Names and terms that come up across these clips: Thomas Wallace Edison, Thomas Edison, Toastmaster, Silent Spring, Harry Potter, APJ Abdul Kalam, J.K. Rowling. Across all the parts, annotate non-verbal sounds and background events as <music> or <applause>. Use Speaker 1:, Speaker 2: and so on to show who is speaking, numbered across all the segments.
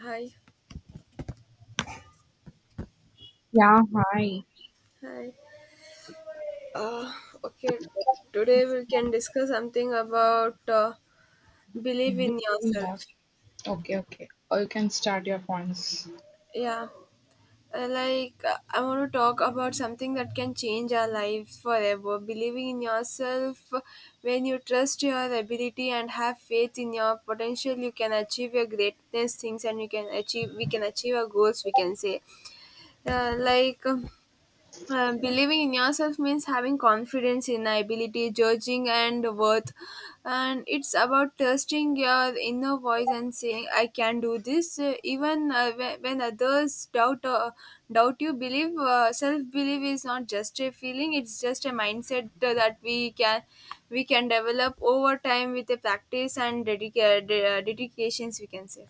Speaker 1: Hi,
Speaker 2: Yeah, hi.
Speaker 1: hi. Uh, okay, today we can discuss something about believe in yourself.
Speaker 2: Yes, okay, okay, fine.
Speaker 1: Yeah, like I want to talk about something that can change our lives forever. Believing in yourself, when you trust your ability and have faith in your potential, you can achieve your greatness things, and you can achieve. We can achieve our goals. We can say, uh, like. um, believing in yourself means having confidence in ability, judging and worth, and it's about trusting your inner voice and saying, "I can do this." Even when others doubt you, believe self belief is not just a feeling; it's just a mindset that we can develop over time with a practice and dedications. We can say,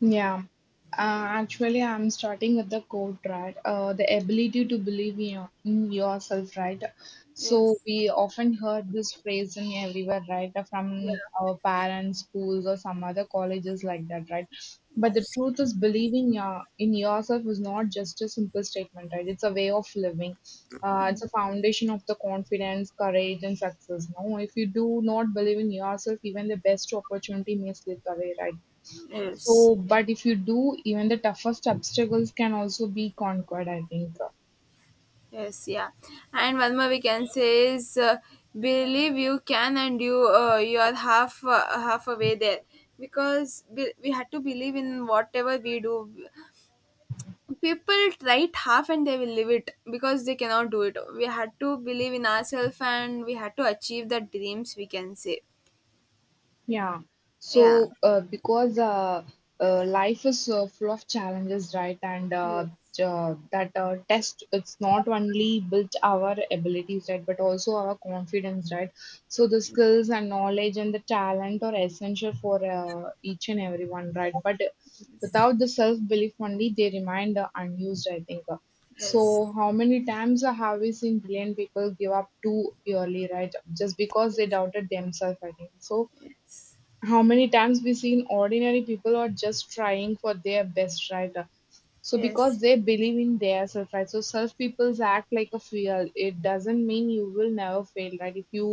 Speaker 2: Yeah,
Speaker 1: yeah.
Speaker 2: actually, I'm starting with the quote, right? The ability to believe in, your, in yourself, right? So
Speaker 1: Yes,
Speaker 2: we often heard this phrase in everywhere, right? From
Speaker 1: yeah,
Speaker 2: our parents, schools, or some other colleges like that, right? But the
Speaker 1: yes,
Speaker 2: truth is, believing your, in yourself is not just a simple statement, right? It's a way of living. It's a foundation of the confidence, courage, and success. No, if you do not believe in yourself, even the best opportunity may slip away, right?
Speaker 1: yes.
Speaker 2: So, but if you do, even the toughest obstacles can also be conquered, I think.
Speaker 1: Yes, yeah. And one more we can say is believe you can and you are half away there because we had to believe in whatever we do. People try it half and they will leave it because they cannot do it. We had to believe in ourselves and we had to achieve the dreams we can say.
Speaker 2: Yeah.
Speaker 1: Yeah.
Speaker 2: So, because life is full of challenges, right? And uh,
Speaker 1: Yes.
Speaker 2: uh, that uh, test, it's not only built our abilities, right, but also our confidence, right? So the skills and knowledge and the talent are essential for each and everyone, right? But without the self-belief only, they remain unused, I think.
Speaker 1: Yes.
Speaker 2: So how many times have we seen brilliant people give up too early, right? Just because they doubted themselves, I think. So
Speaker 1: Yes. Yes.
Speaker 2: how many times we seen ordinary people are just trying for their best, right? So
Speaker 1: Yes.
Speaker 2: because they believe in their self, right? So self people's act like a fuel. It doesn't mean you will never fail, right? If you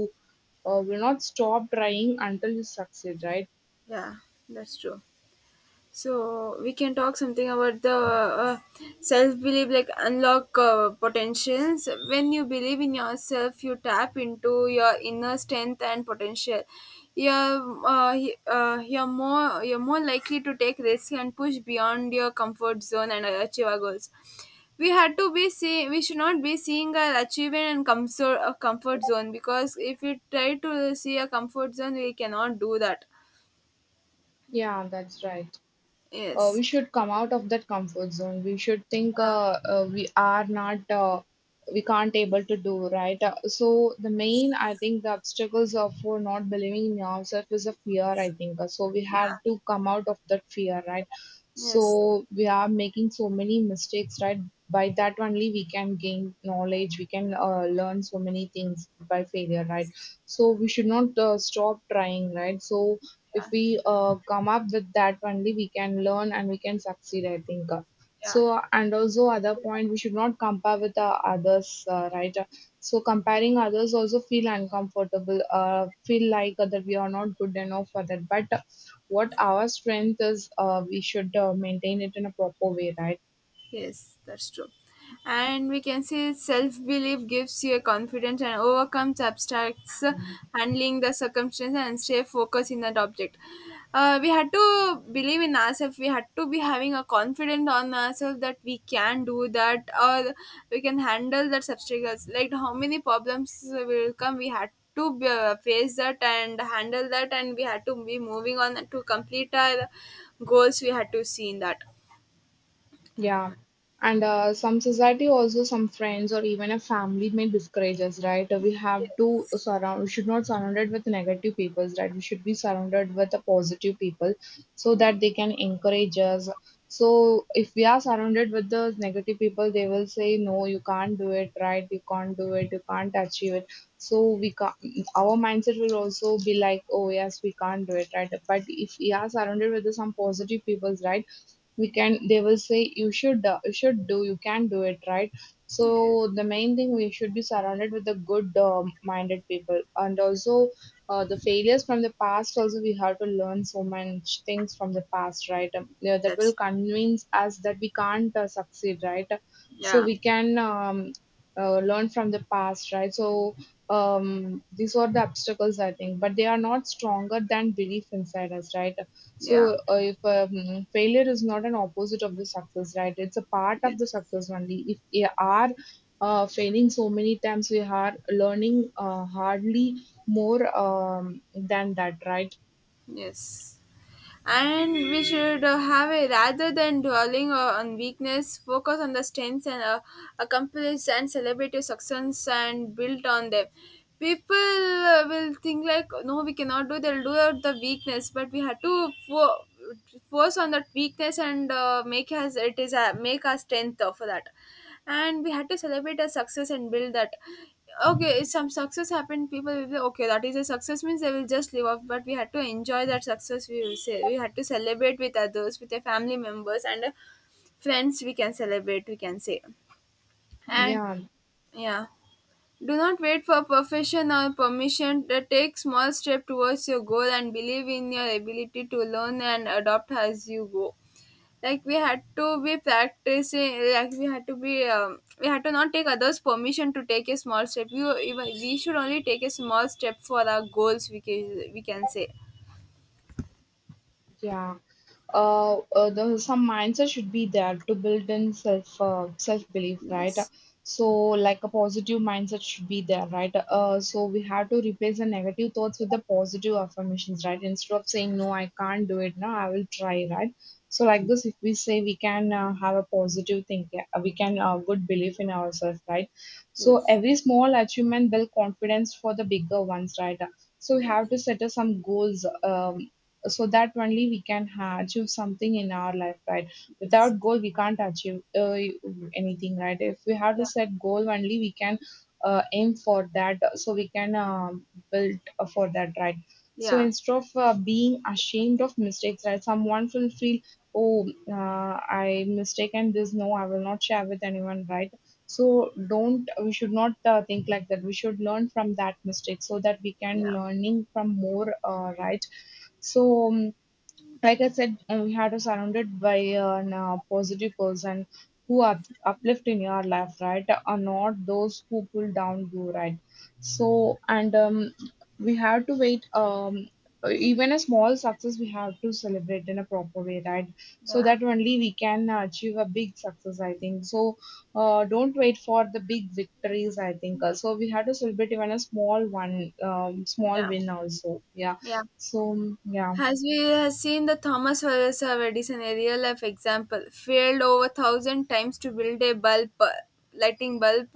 Speaker 2: will not stop trying until you succeed, right?
Speaker 1: Yeah. That's true. So we can talk something about the self belief, like unlock potentials. When you believe in yourself, you tap into your inner strength and potential. You're you're more likely to take risks and push beyond your comfort zone and achieve our goals. We had to be see. We should not be seeing our achievement and comfort zone because if we try to see a comfort zone, we cannot do that.
Speaker 2: Yeah, that's right. We
Speaker 1: Yes.
Speaker 2: should come out of that comfort zone. We should think
Speaker 1: Yeah.
Speaker 2: we are not we can't able to do, right? Uh, so the main, I think the obstacles of for not believing in ourselves is a fear, I think. So we have
Speaker 1: Yeah.
Speaker 2: to come out of that fear, right? So
Speaker 1: Yes.
Speaker 2: we are making so many mistakes, right? By that only we can gain knowledge. We can learn so many things by failure, right? So we should not stop trying, right? So if we come up with that only we can learn and we can succeed, I think.
Speaker 1: Yeah.
Speaker 2: So and also other point, we should not compare with others right? So comparing others also feel uncomfortable, feel like that we are not good enough for that, but what our strength is, we should maintain it in a proper way, right?
Speaker 1: Yes, that's true. And we can say self-belief gives you a confidence and overcomes abstracts, handling the circumstance and stay focused in that object. We had to believe in ourselves, we had to be having a confidence on ourselves that we can do that, or we can handle that obstacles. Like how many problems will come, we had to be, face that and handle that, and we had to be moving on to complete our goals, we had to see in that.
Speaker 2: Yeah. And some society also, some friends or even a family may discourage us, right? We have
Speaker 1: Yes.
Speaker 2: to surround, we should not surround it with negative people, right? We should be surrounded with the positive people so that they can encourage us. So if we are surrounded with the negative people, they will say, no, you can't do it, right? You can't do it, you can't achieve it. So we can our mindset will also be like, oh yes, we can't do it, right? But if we are surrounded with the some positive people, right? We can, they will say you should, you should do, you can do it, right? So
Speaker 1: Yes,
Speaker 2: the main thing, we should be surrounded with the good minded people. And also the failures from the past also we have to learn so much things from the past, right? Yeah, that will
Speaker 1: that's
Speaker 2: convince us that we can't succeed, right? So
Speaker 1: yeah,
Speaker 2: we can learn from the past, right? So these are the obstacles, I think, but they are not stronger than belief inside us, right?
Speaker 1: yeah,
Speaker 2: So, if failure is not an opposite of the success, right? It's a part
Speaker 1: yes,
Speaker 2: of the success only. If we are failing so many times, we are learning hardly more than that, right?
Speaker 1: yes. And we should have a rather than dwelling on weakness, focus on the strengths and accomplish and celebrate your success and build on them. People will think like, no, we cannot do. They'll do out the weakness, but we have to force on that weakness and make us it is a make our strength for that. And we had to celebrate a success and build that. Okay, if some success happened people will be okay that is a success means they will just live off, but we had to enjoy that success, we will say, we had to celebrate with others, with their family members and friends, we can celebrate, we can say. And
Speaker 2: Yeah,
Speaker 1: yeah, do not wait for perfection or permission to take small step towards your goal and believe in your ability to learn and adopt as you go. Like we had to be practicing, like we had to be we had to not take others permission to take a small step, we should only take a small step for our goals, we can say.
Speaker 2: yeah. The, some mindset should be there to build in self self belief, right?
Speaker 1: Yes.
Speaker 2: So, like a positive mindset should be there, right? So we have to replace the negative thoughts with the positive affirmations, right? Instead of saying no, I can't do it, no, I will try, right? So, like this, if we say we can have a positive thinking, we can good belief in ourselves, right? So
Speaker 1: Yes.
Speaker 2: every small achievement build confidence for the bigger ones, right? So we have
Speaker 1: Yes.
Speaker 2: to set us some goals. So that only we can achieve something in our life, right?
Speaker 1: Yes.
Speaker 2: Without goal we can't achieve anything, right? If we have to
Speaker 1: Yeah,
Speaker 2: set goal only we can aim for that, so we can build for that, right? So
Speaker 1: yeah,
Speaker 2: instead of being ashamed of mistakes, right? Someone will feel, oh, I mistaken this, no, I will not share with anyone, right? So don't, we should not think like that. We should learn from that mistake so that we can
Speaker 1: yeah,
Speaker 2: learning from more, right? So, like I said, we had to surrounded by positive person who are uplift in your life, right? Are not those who pull down you, right? So, and we have to wait. Even a small success, we have to celebrate in a proper way, right? So
Speaker 1: yeah,
Speaker 2: that only we can achieve a big success, I think. So, don't wait for the big victories, I think. So, we have to celebrate even a small one, small
Speaker 1: yeah,
Speaker 2: win also. Yeah.
Speaker 1: yeah.
Speaker 2: So, yeah.
Speaker 1: As we have seen, the Thomas Wallace Edison, a real life example, failed over thousand times to build a bulb, lighting bulb,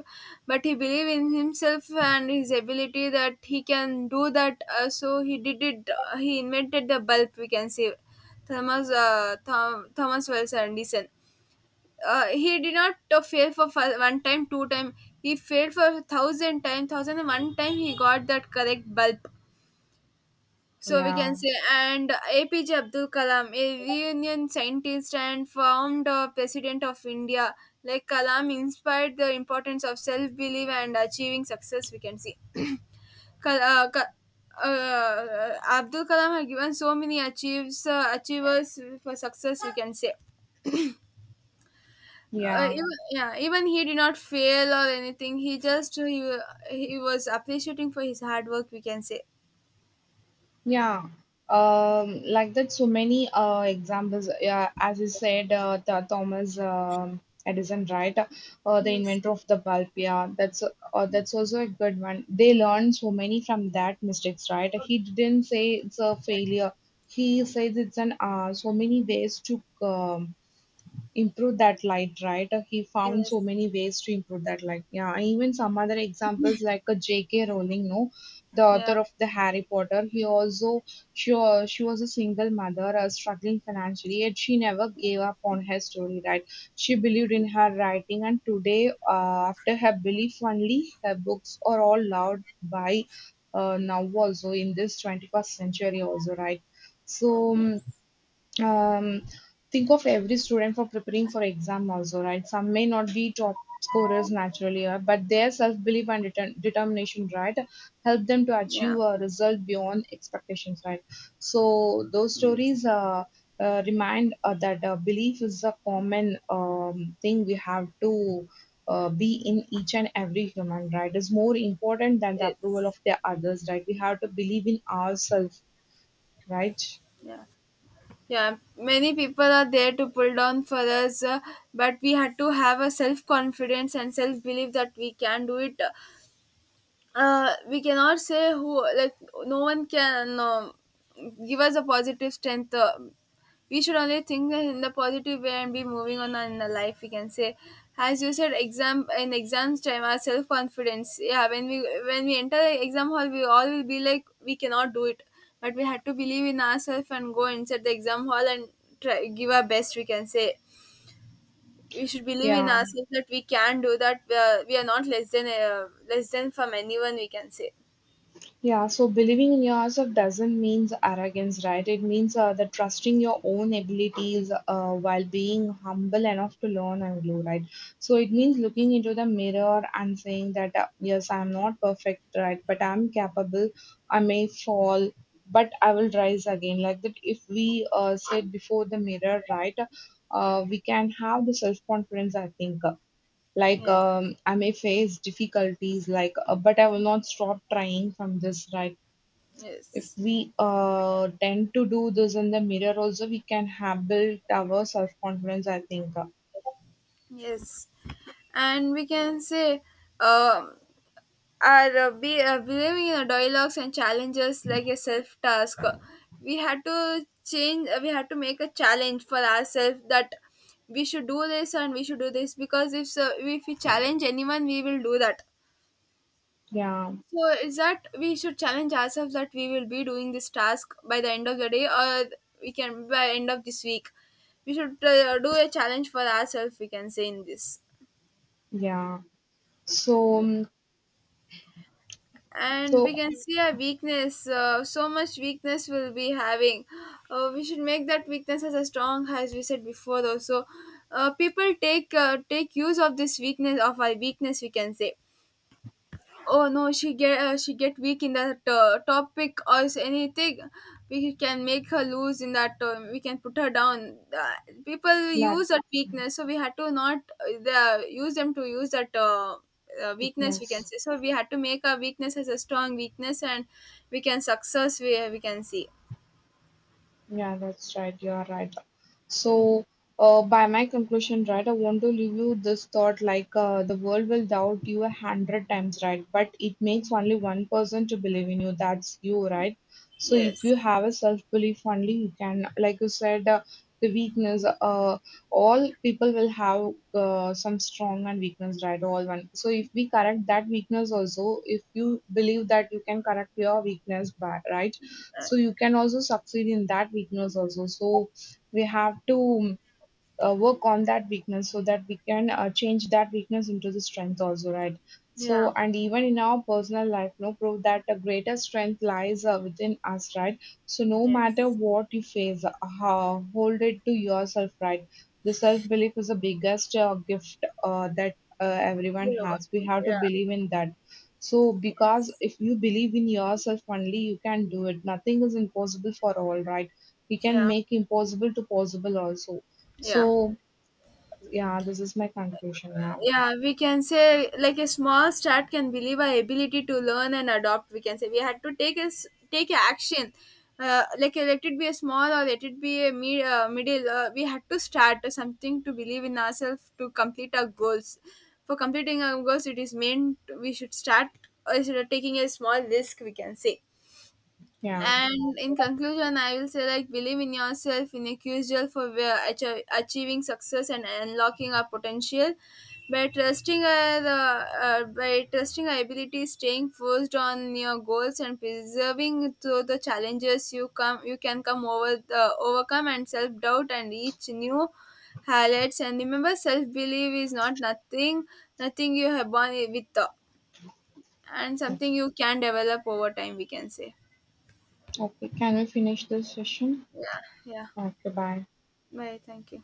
Speaker 1: but he believed in himself and his ability that he can do that. So he did it. He invented the bulb. We can say, Thomas Wallace Edison. He did not fail for one time, two time. He failed for thousand times, 1,001 time. He got that correct bulb, so we can
Speaker 2: Yeah,
Speaker 1: say. And APJ Abdul Kalam, a reunion scientist and founder president of India, like Kalam inspired the importance of self belief and achieving success. We can see. <clears throat> Kal- uh, Ka- uh, Abdul Kalam had given so many achievers for success, we can say.
Speaker 2: yeah,
Speaker 1: Even, yeah, even he did not fail or anything. He was appreciating for his hard work. We can say.
Speaker 2: yeah. Like that, so many examples. Yeah, as you said, the Thomas Edison, right? The
Speaker 1: Yes,
Speaker 2: inventor of the bulb. Yeah, that's also a good one. They learned so many from that mistakes, right? He didn't say it's a failure. He says it's an so many ways to improve that light, right? He found
Speaker 1: yes,
Speaker 2: so many ways to improve that light. Yeah, and even some other examples like a J.K. Rowling, no, the author
Speaker 1: yeah,
Speaker 2: of the Harry Potter. He also she was a single mother, struggling financially, yet she never gave up on her story, right? She believed in her writing, and today, after her belief only, her books are all loved by now also in this 21st century also, right? So. mm,
Speaker 1: yes,
Speaker 2: um, think of every student for preparing for exam also, right? Some may not be top scorers naturally, but their self-belief and determination, right? Help them to achieve
Speaker 1: yeah.
Speaker 2: a result beyond expectations, right? So those
Speaker 1: Yes,
Speaker 2: stories, remind that belief is a common thing. We have to be in each and every human, right? Is more important than the approval
Speaker 1: it's
Speaker 2: of the others, right? We have to believe in ourselves, right?
Speaker 1: yeah, yeah. Many people are there to pull down for us, but we had to have a self confidence and self belief that we can do it. Uh, we cannot say who like no one can give us a positive strength, we should only think in the positive way and be moving on in the life, we can say. As you said, exam, in exams time, our self-confidence, yeah, when we enter the exam hall we all will be like we cannot do it, but we had to believe in ourselves and go inside the exam hall and try give our best, we can say. We should believe in
Speaker 2: Yeah.
Speaker 1: ourselves that we can do that, we are not less than from anyone, we can say.
Speaker 2: Yeah, so believing in yourself doesn't mean arrogance, right? It means that trusting your own abilities while being humble enough to learn and grow, right? So it means looking into the mirror and saying that, yes, I'm not perfect, right? But I'm capable. I may fall, but I will rise again. Like that, if we sit before the mirror, right, we can have the self confidence, I think. Like,
Speaker 1: Yes,
Speaker 2: I may face difficulties, like but I will not stop trying from this, right? If
Speaker 1: yes,
Speaker 2: we tend to do this in the mirror also we can have built our self-confidence, I think.
Speaker 1: yes. And we can say, um, believing in the dialogues and challenges like a self task. We had to change, we had to make a challenge for ourselves that we should do this and we should do this, because if so, if we challenge anyone, we will do that.
Speaker 2: Yeah,
Speaker 1: So is that we should challenge ourselves that we will be doing this task by the end of the day, or we can by end of this week. We should do a challenge for ourselves. We can say in this.
Speaker 2: yeah, so
Speaker 1: And we
Speaker 2: so
Speaker 1: can see our weakness. So much weakness we'll be having. We should make that weakness as a strong, as we said before. Also, people take use of this weakness of our weakness. We can say, oh no, she get weak in that topic or is anything. We can make her lose in that. We can put her down. People
Speaker 2: like
Speaker 1: use that weakness, so we had to not use them to use that weakness, we can
Speaker 2: thickness.
Speaker 1: say. So we had to make our weakness as a strong weakness, and we can success. We can see.
Speaker 2: Yeah, that's right. You are right. So, by my conclusion, right, I want to leave you this thought, like, the world will doubt you a hundred times, right? But it makes only one person to believe in you. That's you, right? So, if
Speaker 1: Yes.
Speaker 2: you have a self belief only, you can, like you said, the weakness, all people will have some strong and weakness, right? All one. So, if we correct that weakness also, if you believe that you can correct your weakness, by, right? So you can also succeed in that weakness also. So we have to work on that weakness so that we can change that weakness into the strength also, right? So
Speaker 1: Yeah.
Speaker 2: and even in our personal life no prove that the greater strength lies within us, right? So no matter
Speaker 1: Yes.
Speaker 2: what you face, hold it to yourself, right? The self belief is the biggest gift that everyone
Speaker 1: Yeah.
Speaker 2: has. We have to
Speaker 1: Yeah.
Speaker 2: believe in that. So because if you believe in yourself only you can do it. Nothing is impossible for all, right? We can
Speaker 1: Yeah.
Speaker 2: make impossible to possible also.
Speaker 1: Yeah.
Speaker 2: So yeah, this is my conclusion. Yeah,
Speaker 1: Yeah, we can say like a small start can believe our ability to learn and adopt, we can say. We had to take us take a action, let it be a small or let it be a middle, we had to start something to believe in ourselves to complete our goals. For completing our goals it is meant we should start sort of taking a small risk, we can say.
Speaker 2: yeah.
Speaker 1: And in conclusion, I will say like believe in yourself, in a crucial for where achieving success and unlocking our potential. By trusting our the by trusting our abilities, staying focused on your goals and preserving through the challenges, you can come over the overcome and self doubt and reach new highlights. And remember, self belief is not nothing you have born with, and something you can develop over time. We can say,
Speaker 2: Okay, can we finish this session?
Speaker 1: yeah, yeah.
Speaker 2: Okay, bye.
Speaker 1: Bye. Thank you.